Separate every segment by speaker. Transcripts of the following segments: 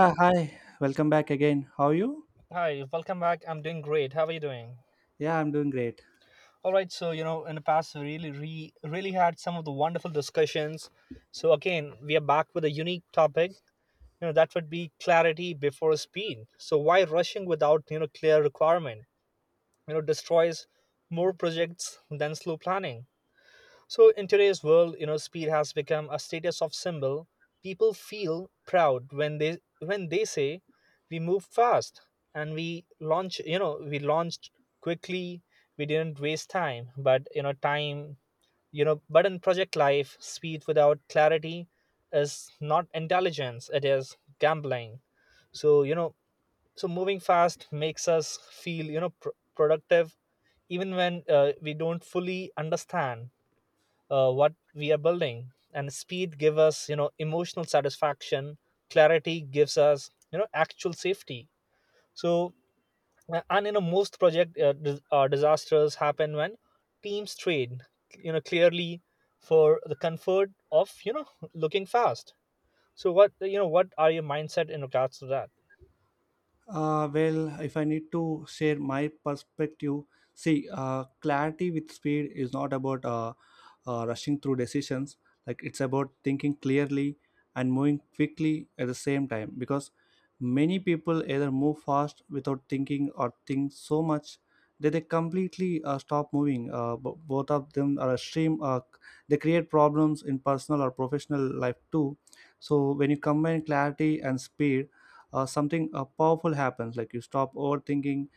Speaker 1: Hi, welcome back again. How are you?
Speaker 2: Hi, welcome back. I'm doing great. How are you doing?
Speaker 1: Yeah, I'm doing great.
Speaker 2: All right, so you know, in the past, we really, really had some of the wonderful discussions. So again, we are back with a unique topic. You know, that would be clarity before speed. So why rushing without you know clear requirement? You know, destroys more projects than slow planning. So in today's world, you know, speed has become a status of symbol. People feel proud when they say we move fast and we launch, we launched quickly, we didn't waste time, but you know, time, you know, but in project life, speed without clarity is not intelligence, it is gambling. So, you know, so moving fast makes us feel, you know, productive even when we don't fully understand what we are building, and speed gives us you know emotional satisfaction. Clarity gives us you know actual safety. So and you know most project disasters happen when teams trade you know clearly for the comfort of you know looking fast. So what, you know, what are your mindset in regards to that?
Speaker 1: Well, if I need to share my perspective, see, clarity with speed is not about rushing through decisions. Like, it's about thinking clearly and moving quickly at the same time. Because many people either move fast without thinking or think so much that they completely stop moving. Both of them are extreme. They create problems in personal or professional life too. So when you combine clarity and speed, something powerful happens, like you stop overthinking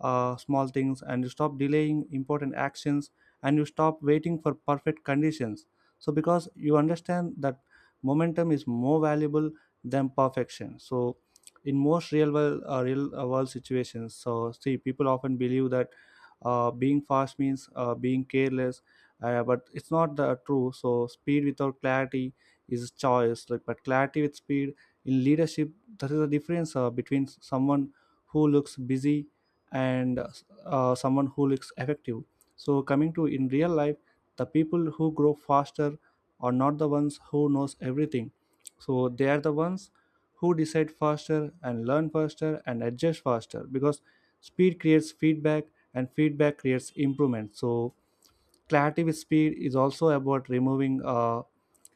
Speaker 1: small things, and you stop delaying important actions, and you stop waiting for perfect conditions, so because you understand that momentum is more valuable than perfection. So in most real world situations, so see, people often believe that being fast means being careless, but it's not the true. So speed without clarity is choice, like, but clarity with speed in leadership, that is the difference between someone who looks busy and someone who looks effective. So coming to in real life, the people who grow faster are not the ones who knows everything. So they are the ones who decide faster and learn faster and adjust faster because speed creates feedback and feedback creates improvement. So creative speed is also about removing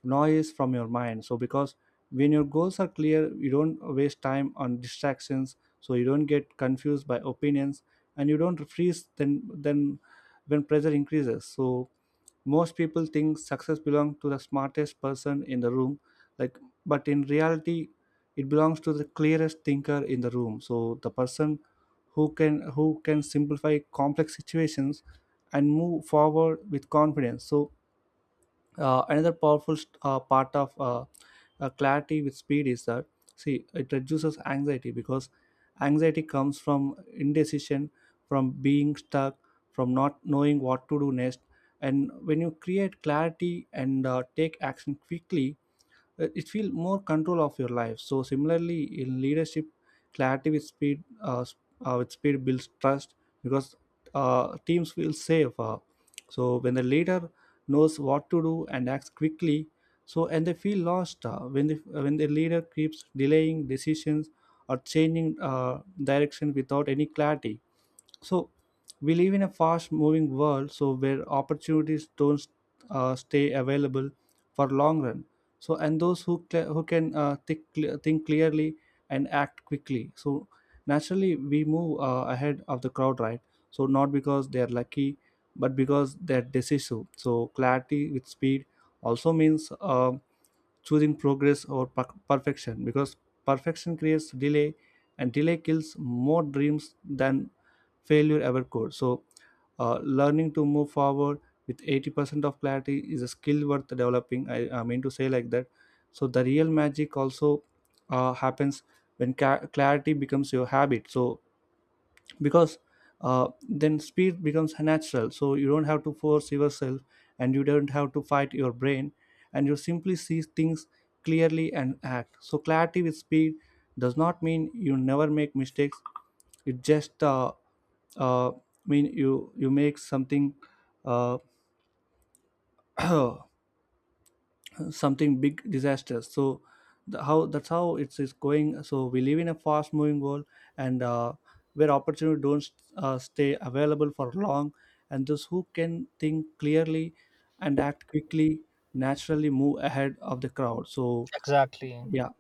Speaker 1: noise from your mind. So, because when your goals are clear, you don't waste time on distractions. So you don't get confused by opinions, and you don't freeze then when pressure increases. So most people think success belongs to the smartest person in the room, like, but in reality it belongs to the clearest thinker in the room, so the person who can simplify complex situations and move forward with confidence. So Another powerful part of clarity with speed is that, see, it reduces anxiety because anxiety comes from indecision, from being stuck, from not knowing what to do next. And when you create clarity and take action quickly, it feel more control of your life. So similarly in leadership, clarity with speed builds trust because teams feel safe. So when the leader knows what to do and acts quickly. So and they feel lost when the leader keeps delaying decisions or changing direction without any clarity. So we live in a fast moving world, so where opportunities don't stay available for long run. So and those who can think clearly and act quickly. So naturally we move ahead of the crowd, right? So not because they are lucky but because they're decisive. So clarity with speed also means choosing progress over perfection. Because perfection creates delay, and delay kills more dreams than failure ever could. So learning to move forward with 80% of clarity is a skill worth developing, I mean to say like that. So the real magic also happens when clarity becomes your habit. So because then speed becomes natural. So you don't have to force yourself, and you don't have to fight your brain, and you simply see things clearly and act. So clarity with speed does not mean you never make mistakes. It just uh, mean you make something, uh, something big disaster. So how that's how it's going. So we live in a fast moving world, and where opportunity don't stay available for long. And those who can think clearly and act quickly naturally move ahead of the crowd. So
Speaker 2: Exactly,
Speaker 1: yeah,
Speaker 2: you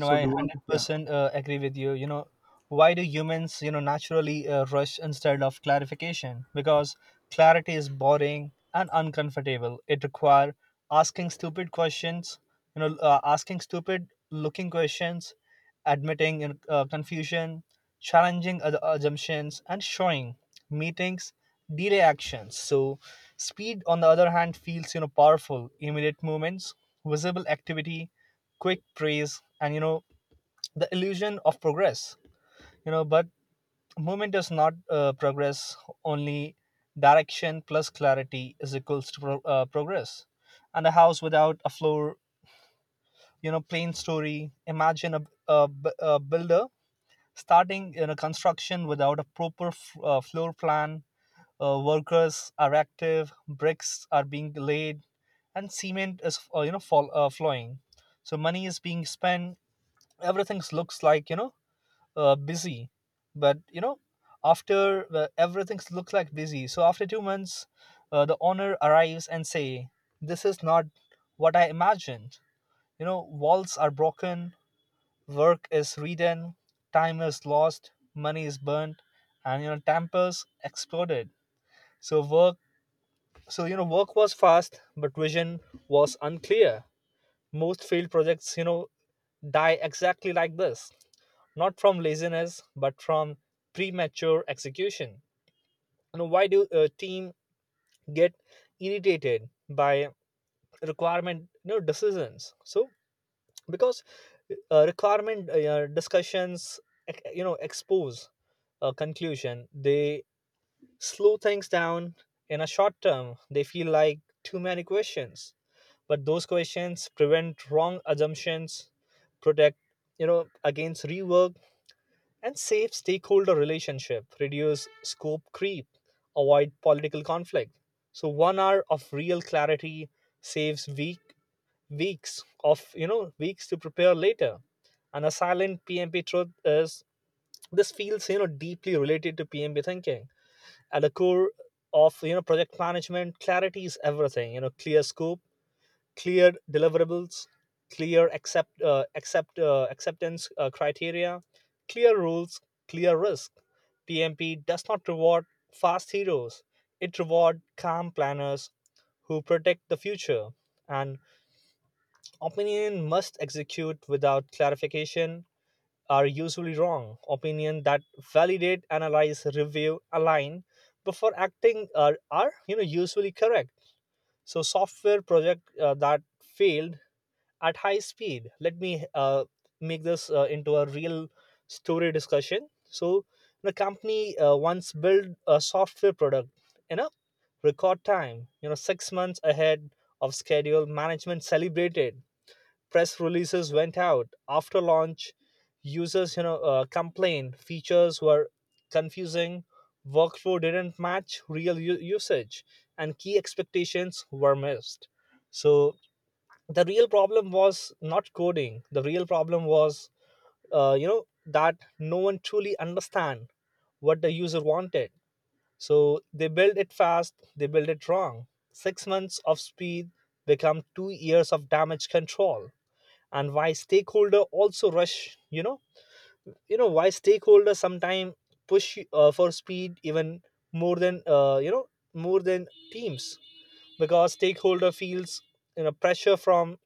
Speaker 2: know, I
Speaker 1: do you want, yeah.
Speaker 2: 100% agree with you, you know. Why do humans you know naturally rush instead of clarification? Because clarity is boring and uncomfortable. It require asking stupid questions, you know, asking stupid looking questions, admitting you know, confusion, challenging other assumptions, and showing meetings, delay actions. So speed on the other hand feels you know powerful immediate movements, visible activity, quick praise, and you know the illusion of progress. You know, but movement is not progress. Only direction plus clarity is equals to progress. And a house without a floor, you know, plain story. Imagine a builder starting you know construction without a proper floor plan. Workers are active, bricks are being laid, and cement is you know flowing. So money is being spent. Everything looks like you know busy. But you know after everything looks like busy so after 2 months, the owner arrives and say, this is not what I imagined. You know, walls are broken, work is redone, time is lost, money is burnt, and you know tampers exploded. So work so you know work was fast but vision was unclear. Most failed projects you know die exactly like this, not from laziness, but from premature execution. You know, why do a team get irritated by requirement you know, decisions? So because requirement yeah, discussions you know expose a conclusion, they slow things down in a short term. They feel like too many questions, but those questions prevent wrong assumptions, protect you know against rework and safe stakeholder relationship, reduce scope creep, avoid political conflict. So 1 hour of real clarity saves weeks of you know weeks to prepare later. And a silent PMP truth is this feels you know deeply related to PMP thinking. At the core of you know project management, clarity is everything. You know, clear scope, clear deliverables, clear acceptance criteria, clear rules, clear risk. PMP does not reward fast heroes; it rewards calm planners who protect the future. And opinion must execute without clarification are usually wrong. Opinion that validate, analyze, review, align before acting are you know usually correct. So software project that failed at high speed. Let me make this into a real story discussion. So, the company once built a software product in a record time, you know, 6 months ahead of schedule. Management celebrated, press releases went out after launch. Users, you know, complained features were confusing, workflow didn't match real usage, and key expectations were missed. So, the real problem was not coding. The real problem was you know that no one truly understand what the user wanted. So they build it fast, they build it wrong. 6 months of speed become 2 years of damage control. And why stakeholder also rush, you know, you know why stakeholder sometimes push for speed even more than more than teams? Because stakeholder feels you know pressure from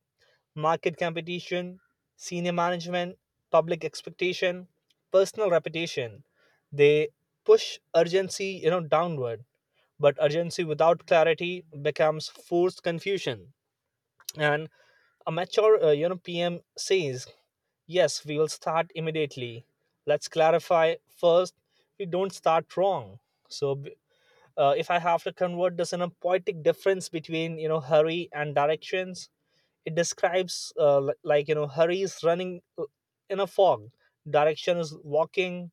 Speaker 2: market competition, senior management, public expectation, personal reputation. They push urgency, you know, downward, but urgency without clarity becomes forced confusion. And a mature, you know, PM says, "Yes, we will start immediately. Let's clarify first. We don't start wrong." So, if I have to convert this in a poetic difference between you know hurry and directions, it describes like you know Hari is running in a fog. Direction is walking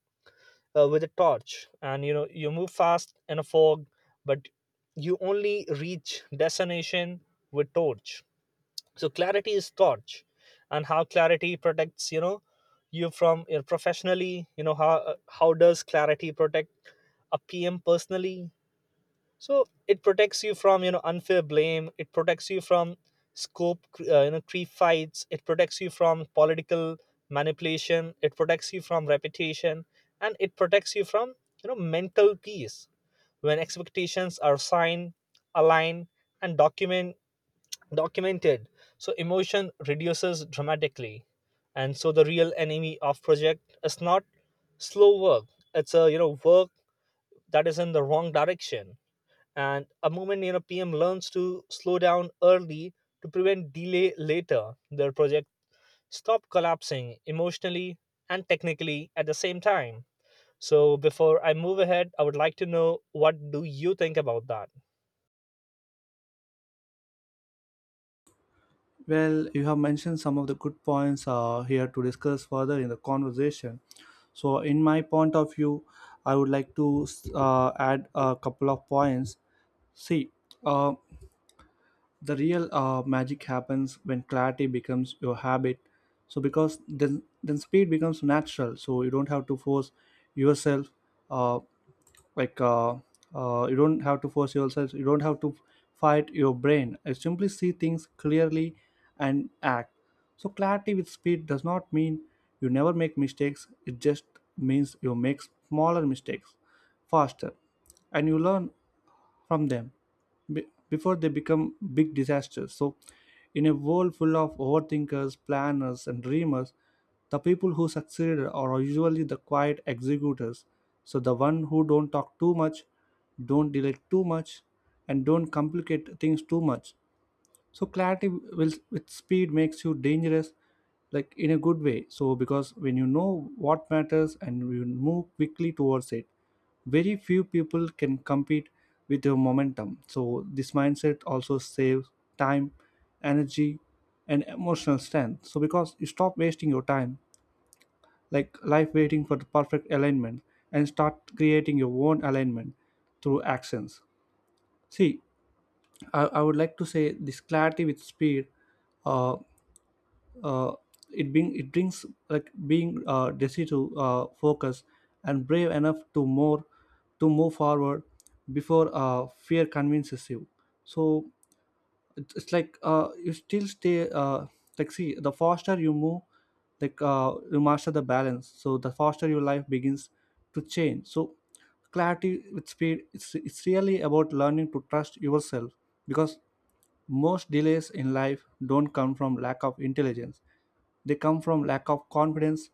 Speaker 2: with a torch, and you know you move fast in a fog, but you only reach destination with torch. So clarity is torch. And how clarity protects you know you from you professionally. You know how does clarity protect a PM personally? So it protects you from you know unfair blame, it protects you from scope you know creep fights, it protects you from political manipulation, it protects you from reputation, and it protects you from you know mental peace. When expectations are signed aligned and documented, so emotion reduces dramatically. And so the real enemy of project is not slow work, it's a you know work that is in the wrong direction. And a moment you know PM learns to slow down early to prevent delay later, their project stop collapsing emotionally and technically at the same time. So before I move ahead, I would like to know what do you think about that?
Speaker 1: Well, you have mentioned some of the good points here to discuss further in the conversation. So, in my point of view, I would like to add a couple of points. See, uh, the real magic happens when clarity becomes your habit. So because then speed becomes natural. So you don't have to force yourself. Uh, like uh, you don't have to force yourself, you don't have to fight your brain. I simply see things clearly and act. So clarity with speed does not mean you never make mistakes. It just means you make smaller mistakes faster, and you learn from them before they become big disasters. So, in a world full of overthinkers, planners, and dreamers, the people who succeed are usually the quiet executors. So, the one who don't talk too much, don't delay too much, and don't complicate things too much. So clarity will with speed makes you dangerous, like, in a good way. So because when you know what matters and you move quickly towards it, very few people can compete with your momentum. So this mindset also saves time, energy, and emotional strength. So because you stop wasting your time, like, life waiting for the perfect alignment, and start creating your own alignment through actions. See, I would like to say this. Clarity with speed, uh uh, it brings like being decisive, focus, and brave enough to more to move forward before fear convinces you. So it's like, you still stay, like, see, the faster you move, you master the balance, so the faster your life begins to change. So clarity with speed, it's really about learning to trust yourself because most delays in life don't come from lack of intelligence. They come from lack of confidence.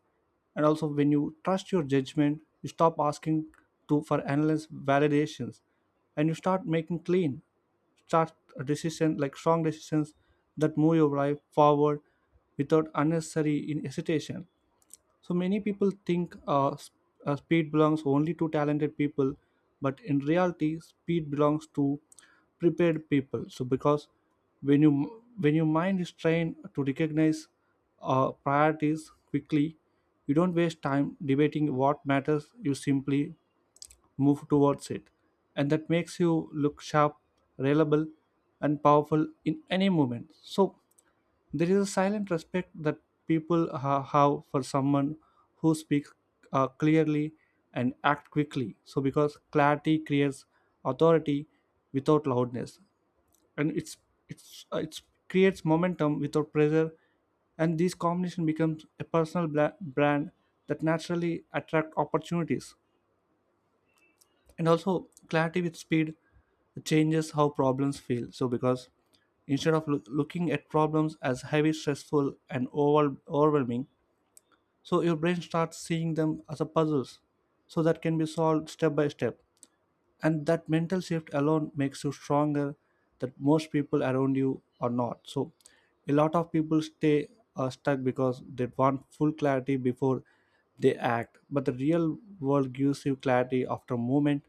Speaker 1: And also when you trust your judgment, you stop asking to for endless validations, and you start making clean, start a decision like strong decisions that move your life forward without unnecessary in hesitation. So many people think speed belongs only to talented people, but in reality, speed belongs to prepared people. So because when your mind is trained to recognize priorities quickly, you don't waste time debating what matters. You simply move towards it. And that makes you look sharp, reliable, and powerful in any moment. So there is a silent respect that people have for someone who speaks clearly and act quickly. So because clarity creates authority without loudness, and it's creates momentum without pressure, and this combination becomes a personal brand that naturally attract opportunities. And also clarity with speed changes how problems feel. So because instead of looking at problems as heavy, stressful, and overwhelming, so your brain starts seeing them as a puzzles so that can be solved step by step, and that mental shift alone makes you stronger that most people around you are not. So a lot of people stay stuck because they want full clarity before they act, but the real world gives you clarity after a moment,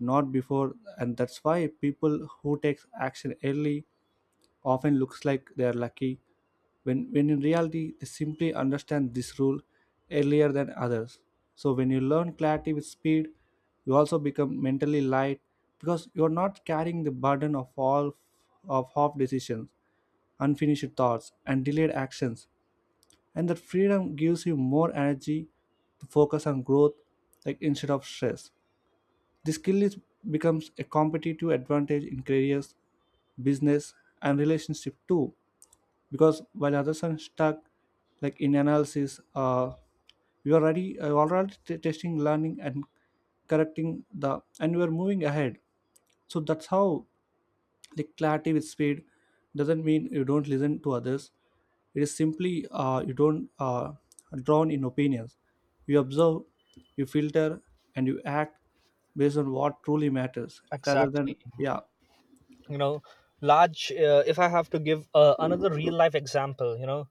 Speaker 1: not before. And that's why people who takes action early often looks like they are lucky when in reality they simply understand this rule earlier than others. So when you learn clarity with speed, you also become mentally light because you're not carrying the burden of all of half decisions, unfinished thoughts, and delayed actions. And that freedom gives you more energy to focus on growth, like, instead of stress. This skill is becomes a competitive advantage in careers, business, and relationship too. Because while others are stuck, like, in analysis, you are already testing, learning, and correcting the and we are moving ahead. So that's how, like, clarity with speed doesn't mean you don't listen to others. It is simply you don't drown in opinions. You observe, you filter, and you act based on what truly matters rather
Speaker 2: Exactly,
Speaker 1: than, yeah.
Speaker 2: you know. Large If I have to give another real life example, you know,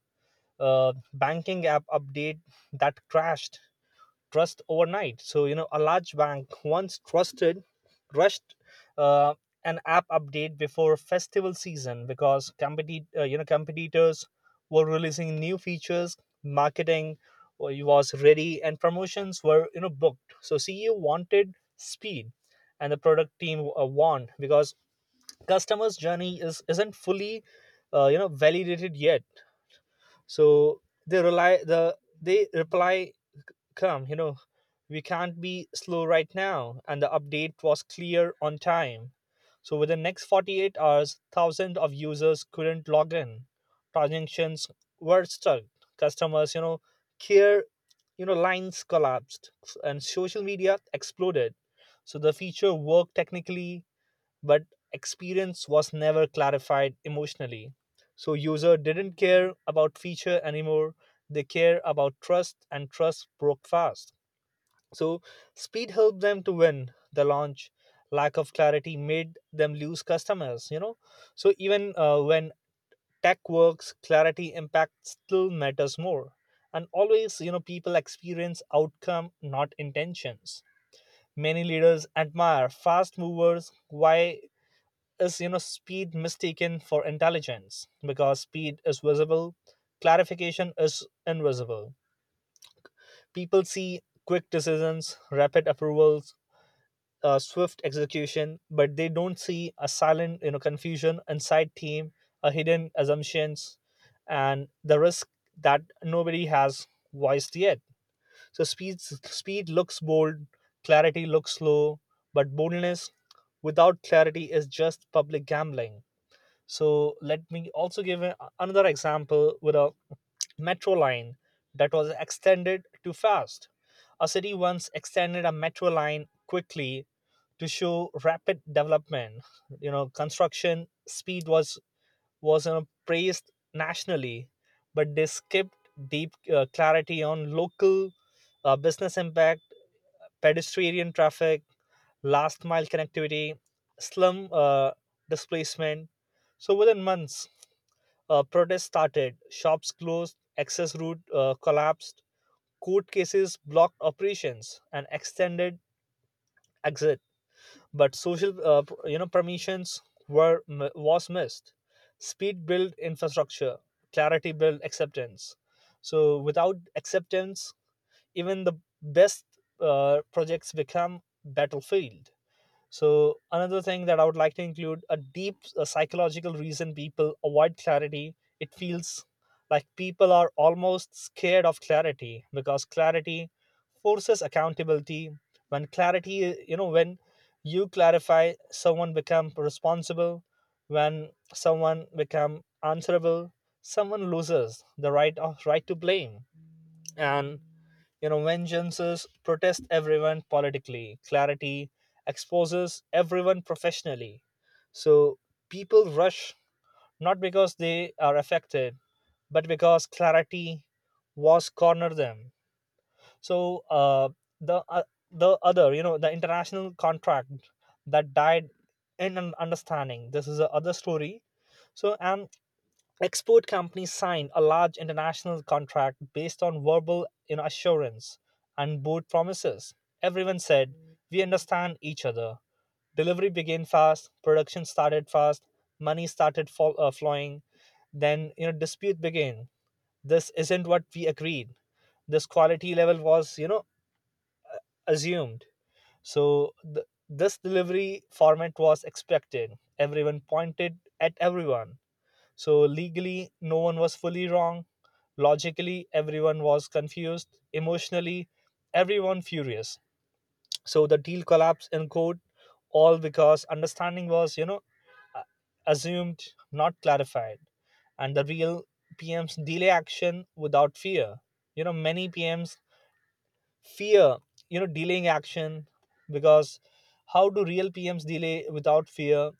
Speaker 2: banking app update that crashed trust overnight. So, you know, a large bank once trusted, rushed uh, an app update before festival season because you know, competitors were releasing new features, marketing was ready, and promotions were, you know, booked. So, CEO wanted speed, and the product team won because customers' journey is isn't fully, you know, validated yet. So they rely the they reply, come, you know, we can't be slow right now. And the update was clear on time. So within next 48 hours, thousands of users couldn't log in. Transactions were stuck. Customers, you know, care, you know, lines collapsed and social media exploded. So the feature worked technically, but experience was never clarified emotionally. So user didn't care about feature anymore. They care about trust and trust broke fast. So speed helped them to win the launch. Lack of clarity made them lose customers, you know. So even when tech works, clarity impact still matters more. And always, you know, people experience outcome, not intentions. Many leaders admire fast movers. Why is you know speed mistaken for intelligence? Because speed is visible, clarification is invisible. People see quick decisions, rapid approvals, swift execution, but they don't see a silent you know confusion inside team, a hidden assumptions, and the risk that nobody has voiced yet. So speed looks bold, clarity looks slow, but boldness without clarity is just public gambling. So let me also give another example with a metro line that was extended too fast. A city once extended a metro line quickly to show rapid development. You know, construction speed was you know, praised nationally, but they skipped deep clarity on local business impact, pedestrian traffic, last mile connectivity, slum displacement. So within months, protests started, shops closed, access route collapsed, court cases blocked operations, and extended exit. But social, you know, permissions was missed. Speed built infrastructure, clarity built acceptance. So without acceptance, even the best projects become battlefield. So another thing that I would like to include a deep psychological reason people avoid clarity. It feels like people are almost scared of clarity because clarity forces accountability. When clarity, you know, when you clarify, someone become responsible. When someone become answerable, someone loses the right of right to blame. And you know, vengeances protest everyone politically. Clarity exposes everyone professionally. So people rush not because they are affected, but because clarity was corner them. So the uh, the other, you know, the international contract that died in an understanding. This is the other story. So and export companies signed a large international contract based on verbal you know, assurance and board promises. Everyone said, we understand each other. Delivery began fast, production started fast, money started flowing. Then, you know, dispute began. This isn't what we agreed. This quality level was, you know, assumed. So, this delivery format was expected. Everyone pointed at everyone. So, legally, no one was fully wrong. Logically, everyone was confused. Emotionally, everyone furious. So the deal collapsed in court, all because understanding was, uh, assumed, not clarified. And the real PMs delay action without fear. Many PMs fear, delaying action. Because how do real PMs delay without fear?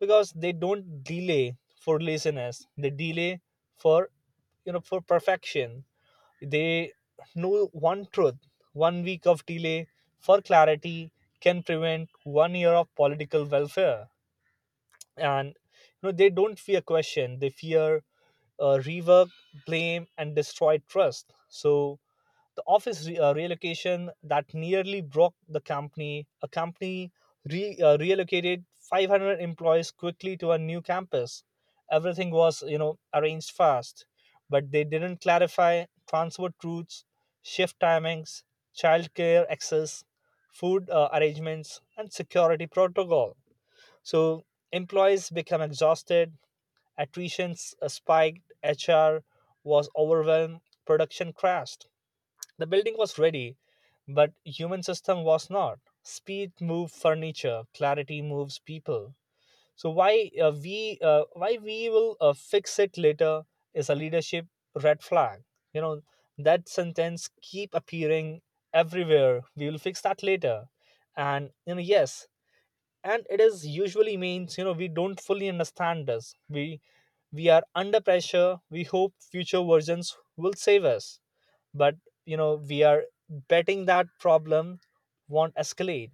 Speaker 2: Because they don't delay for laziness, they delay for, for perfection. They know one truth: 1 week of delay for clarity can prevent 1 year of political welfare. And, they don't fear question, they fear rework, blame, and destroy trust. So the office relocation that nearly broke the company. A company relocated 500 employees quickly to a new campus. Everything was, arranged fast, but they didn't clarify transport routes, shift timings, childcare access, food arrangements, and security protocol. So employees become exhausted, attrition spiked, HR was overwhelmed, production crashed. The building was ready, but human system was not. Speed moves furniture, clarity moves people. So why we will fix it later is a leadership red flag. You know, that sentence keep appearing everywhere. We will fix that later, and, you know, yes, and it is usually means, you know, we don't fully understand this. We are under pressure. We hope future versions will save us, but, we are betting that problem won't escalate.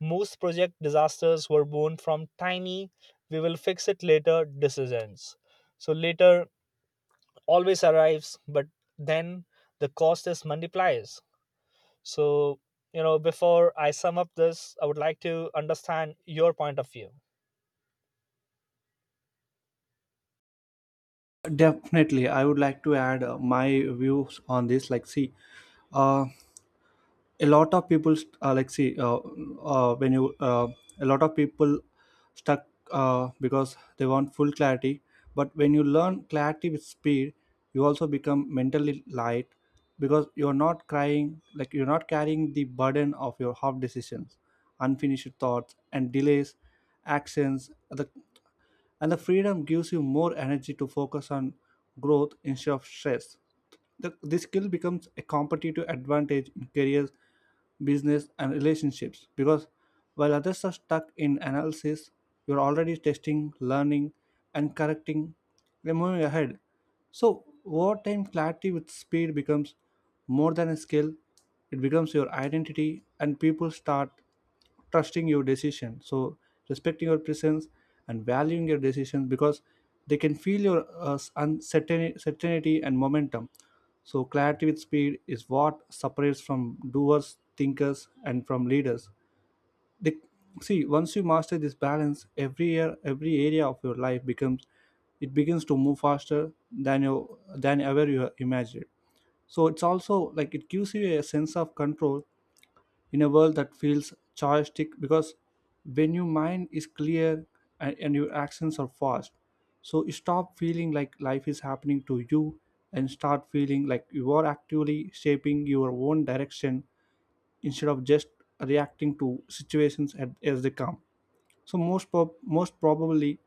Speaker 2: Most project disasters were born from tiny we will fix it later decisions. So later always arrives, but then the cost is multiplies. So, before I sum up this, I would like to understand your point of view.
Speaker 1: Definitely, I would like to add my views on this. Like, see, uh, a lot of people, st- uh, when you, uh, a lot of people stuck because they want full clarity. But when you learn clarity with speed, you also become mentally light because you're not crying, like, you're not carrying the burden of your half decisions, unfinished thoughts, and delays, actions. And the freedom gives you more energy to focus on growth instead of stress. This skill becomes a competitive advantage in careers, business, and relationships because while others are stuck in analysis, you're already testing, learning, and correcting. You're moving ahead. So, over time, clarity with speed becomes more than a skill, it becomes your identity, and people start trusting your decision, so respecting your presence and valuing your decisions because they can feel your uncertainty certainty and momentum. So clarity with speed is what separates from doers thinkers and from leaders they see. Once you master this balance, every year every area of your life becomes, it begins to move faster than you, than ever you imagined. So it's also like it gives you a sense of control in a world that feels joystick, because when your mind is clear and your actions are fast, so you stop feeling like life is happening to you and start feeling like you are actively shaping your own direction instead of just reacting to situations as they come. So most probably,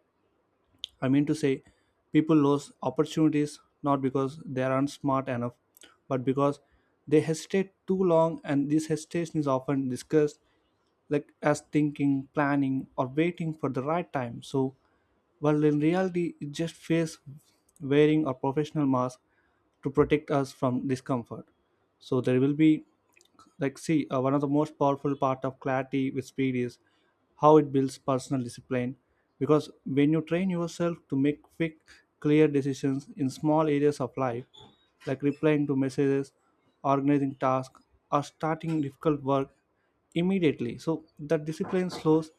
Speaker 1: I mean to say, people lose opportunities not because they aren't smart enough, but because they hesitate too long, and this hesitation is often discussed like as thinking, planning, or waiting for the right time. So, while in reality, it just face wearing a professional mask to protect us from discomfort. So there will be, like see one of the most powerful part of clarity with speed is how it builds personal discipline, because when you train yourself to make quick clear decisions in small areas of life like replying to messages, organizing tasks, or starting difficult work immediately, so that discipline slows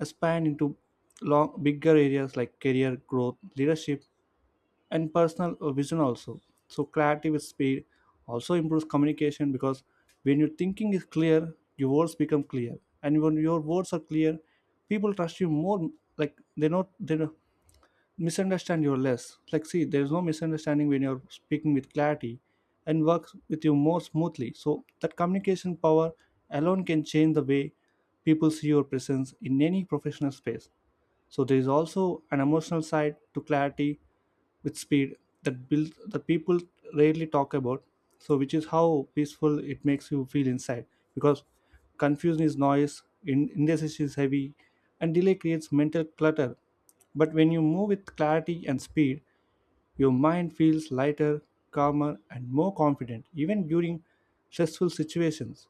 Speaker 1: expand into long bigger areas like career growth, leadership, and personal vision also. So clarity with speed also improves communication because when your thinking is clear your words become clear, and when your words are clear people trust you more, like they don't misunderstand you less, like see there is no misunderstanding when you're speaking with clarity and works with you more smoothly. So that communication power alone can change the way people see your presence in any professional space. So there is also an emotional side to clarity with speed that build that people rarely talk about. So which is how peaceful it makes you feel inside, because confusion is noise, indecision is heavy, and delay creates mental clutter. But when you move with clarity and speed, your mind feels lighter, calmer, and more confident, even during stressful situations.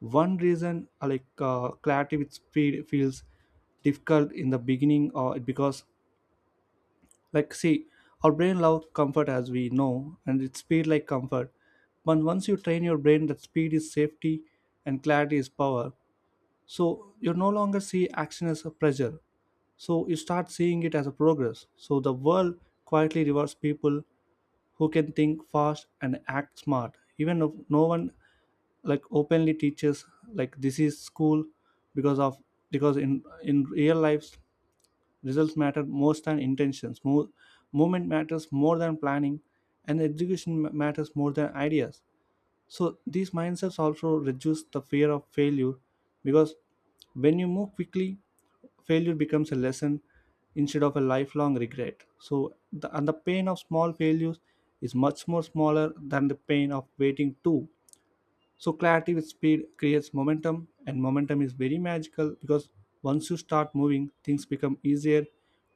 Speaker 1: One reason clarity which feels difficult in the beginning or it, because like see our brain loves comfort as we know and it's speed like comfort. But once you train your brain that speed is safety and clarity is power, so you no longer see action as a pressure, so you start seeing it as a progress. So the world quietly rewards people who can think fast and act smart, even if no one like openly teaches like this is school, because of, because in real life results matter more than intentions, movement matters more than planning, and education matters more than ideas. So these mindsets also reduce the fear of failure, because when you move quickly failure becomes a lesson instead of a lifelong regret. So and the pain of small failures is much more smaller than the pain of waiting too. So clarity with speed creates momentum, and momentum is very magical because once you start moving, things become easier,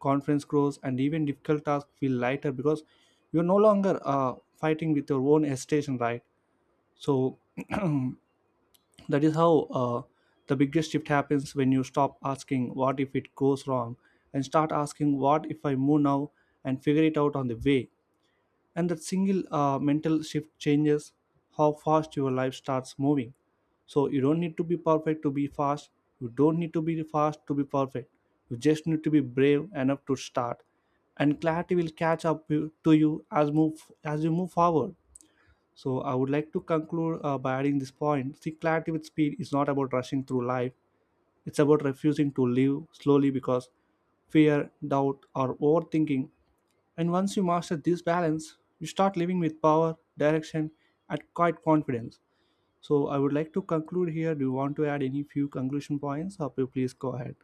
Speaker 1: confidence grows, and even difficult tasks feel lighter because you're no longer fighting with your own hesitation, right? So that is how the biggest shift happens when you stop asking what if it goes wrong and start asking what if I move now and figure it out on the way. And that single mental shift changes how fast your life starts moving. So you don't need to be perfect to be fast, you don't need to be fast to be perfect, you just need to be brave enough to start, and clarity will catch to you as move, as you move forward. So I would like to conclude by adding this point, see clarity with speed is not about rushing through life, it's about refusing to live slowly because fear, doubt, or overthinking. And once you master this balance, you start living with power, direction, and quite confidence. So I would like to conclude here. Do you want to add any few conclusion points or please go ahead?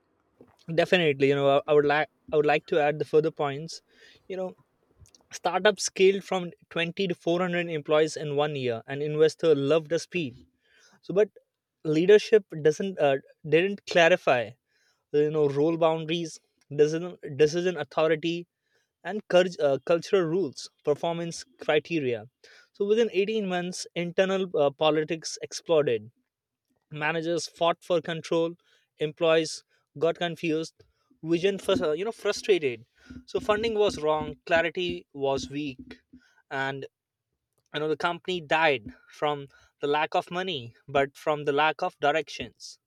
Speaker 2: Definitely, I would like, I would like to add the further points. You know, startup scaled from 20 to 400 employees in 1 year, and investor loved the speed. So, but leadership doesn't didn't clarify, you know, role boundaries, decision authority, and cultural rules, performance criteria. So within 18 months, internal politics exploded, managers fought for control, employees got confused, vision frustrated. So funding was wrong, clarity was weak, and, the company died from the lack of money but from the lack of directions.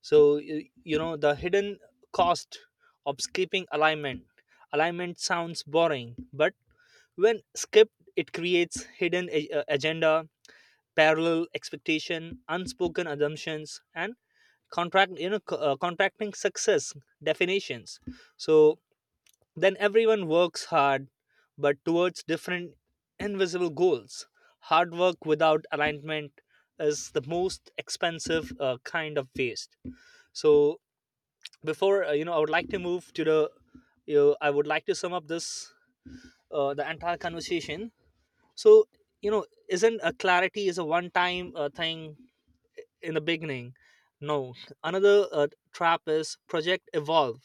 Speaker 2: So, you know, the hidden cost of skipping alignment. Alignment sounds boring, but when skipped it creates hidden agenda, parallel expectation, unspoken assumptions, and contracting success definitions. So then everyone works hard but towards different invisible goals. Hard work without alignment is the most expensive kind of waste. So, before I would like to move to the, you know, I would like to sum up this, the entire conversation. So, you know, isn't a clarity is a one time thing in the beginning. No, another trap is project evolve.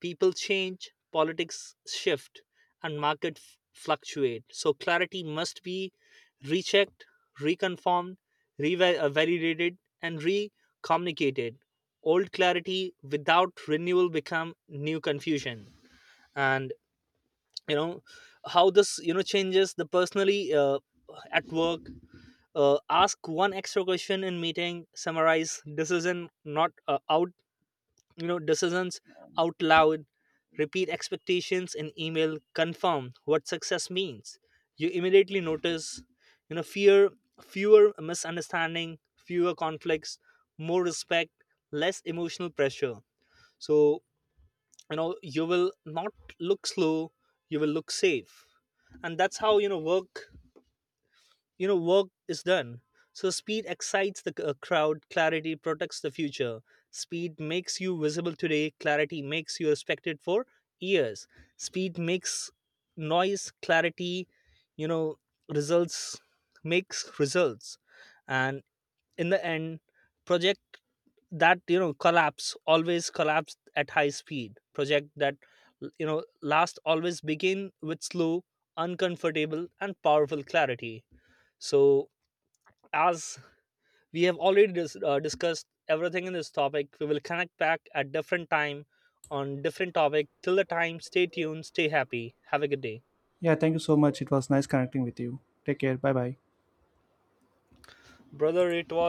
Speaker 2: People change, politics shift, and market fluctuate. So clarity must be rechecked, reconfirmed, revalidated, and re-communicated. Old clarity without renewal become new confusion. And, you know, how this, you know, changes the personally at work, ask one extra question in meeting, summarize decision not out you know decisions out loud, repeat expectations in email, confirm what success means. You immediately notice, you know, fear fewer misunderstanding, fewer conflicts, more respect, less emotional pressure. So, you know, you will not look slow, you will look safe. And that's how, you know, work is done. So speed excites the crowd, clarity protects the future. Speed makes you visible today, clarity makes you respected for years. Speed makes noise, clarity, you know, results makes results. And in the end, project that, you know, collapse always collapse at high speed. Project that, you know, last always begin with slow, uncomfortable, and powerful clarity. So, as we have already discussed everything in this topic, we will connect back at different time on different topic. Till the time, stay tuned, stay happy, have a good day.
Speaker 1: Yeah, thank you so much. It was nice connecting with you. Take care. Bye bye.
Speaker 2: Brother, it was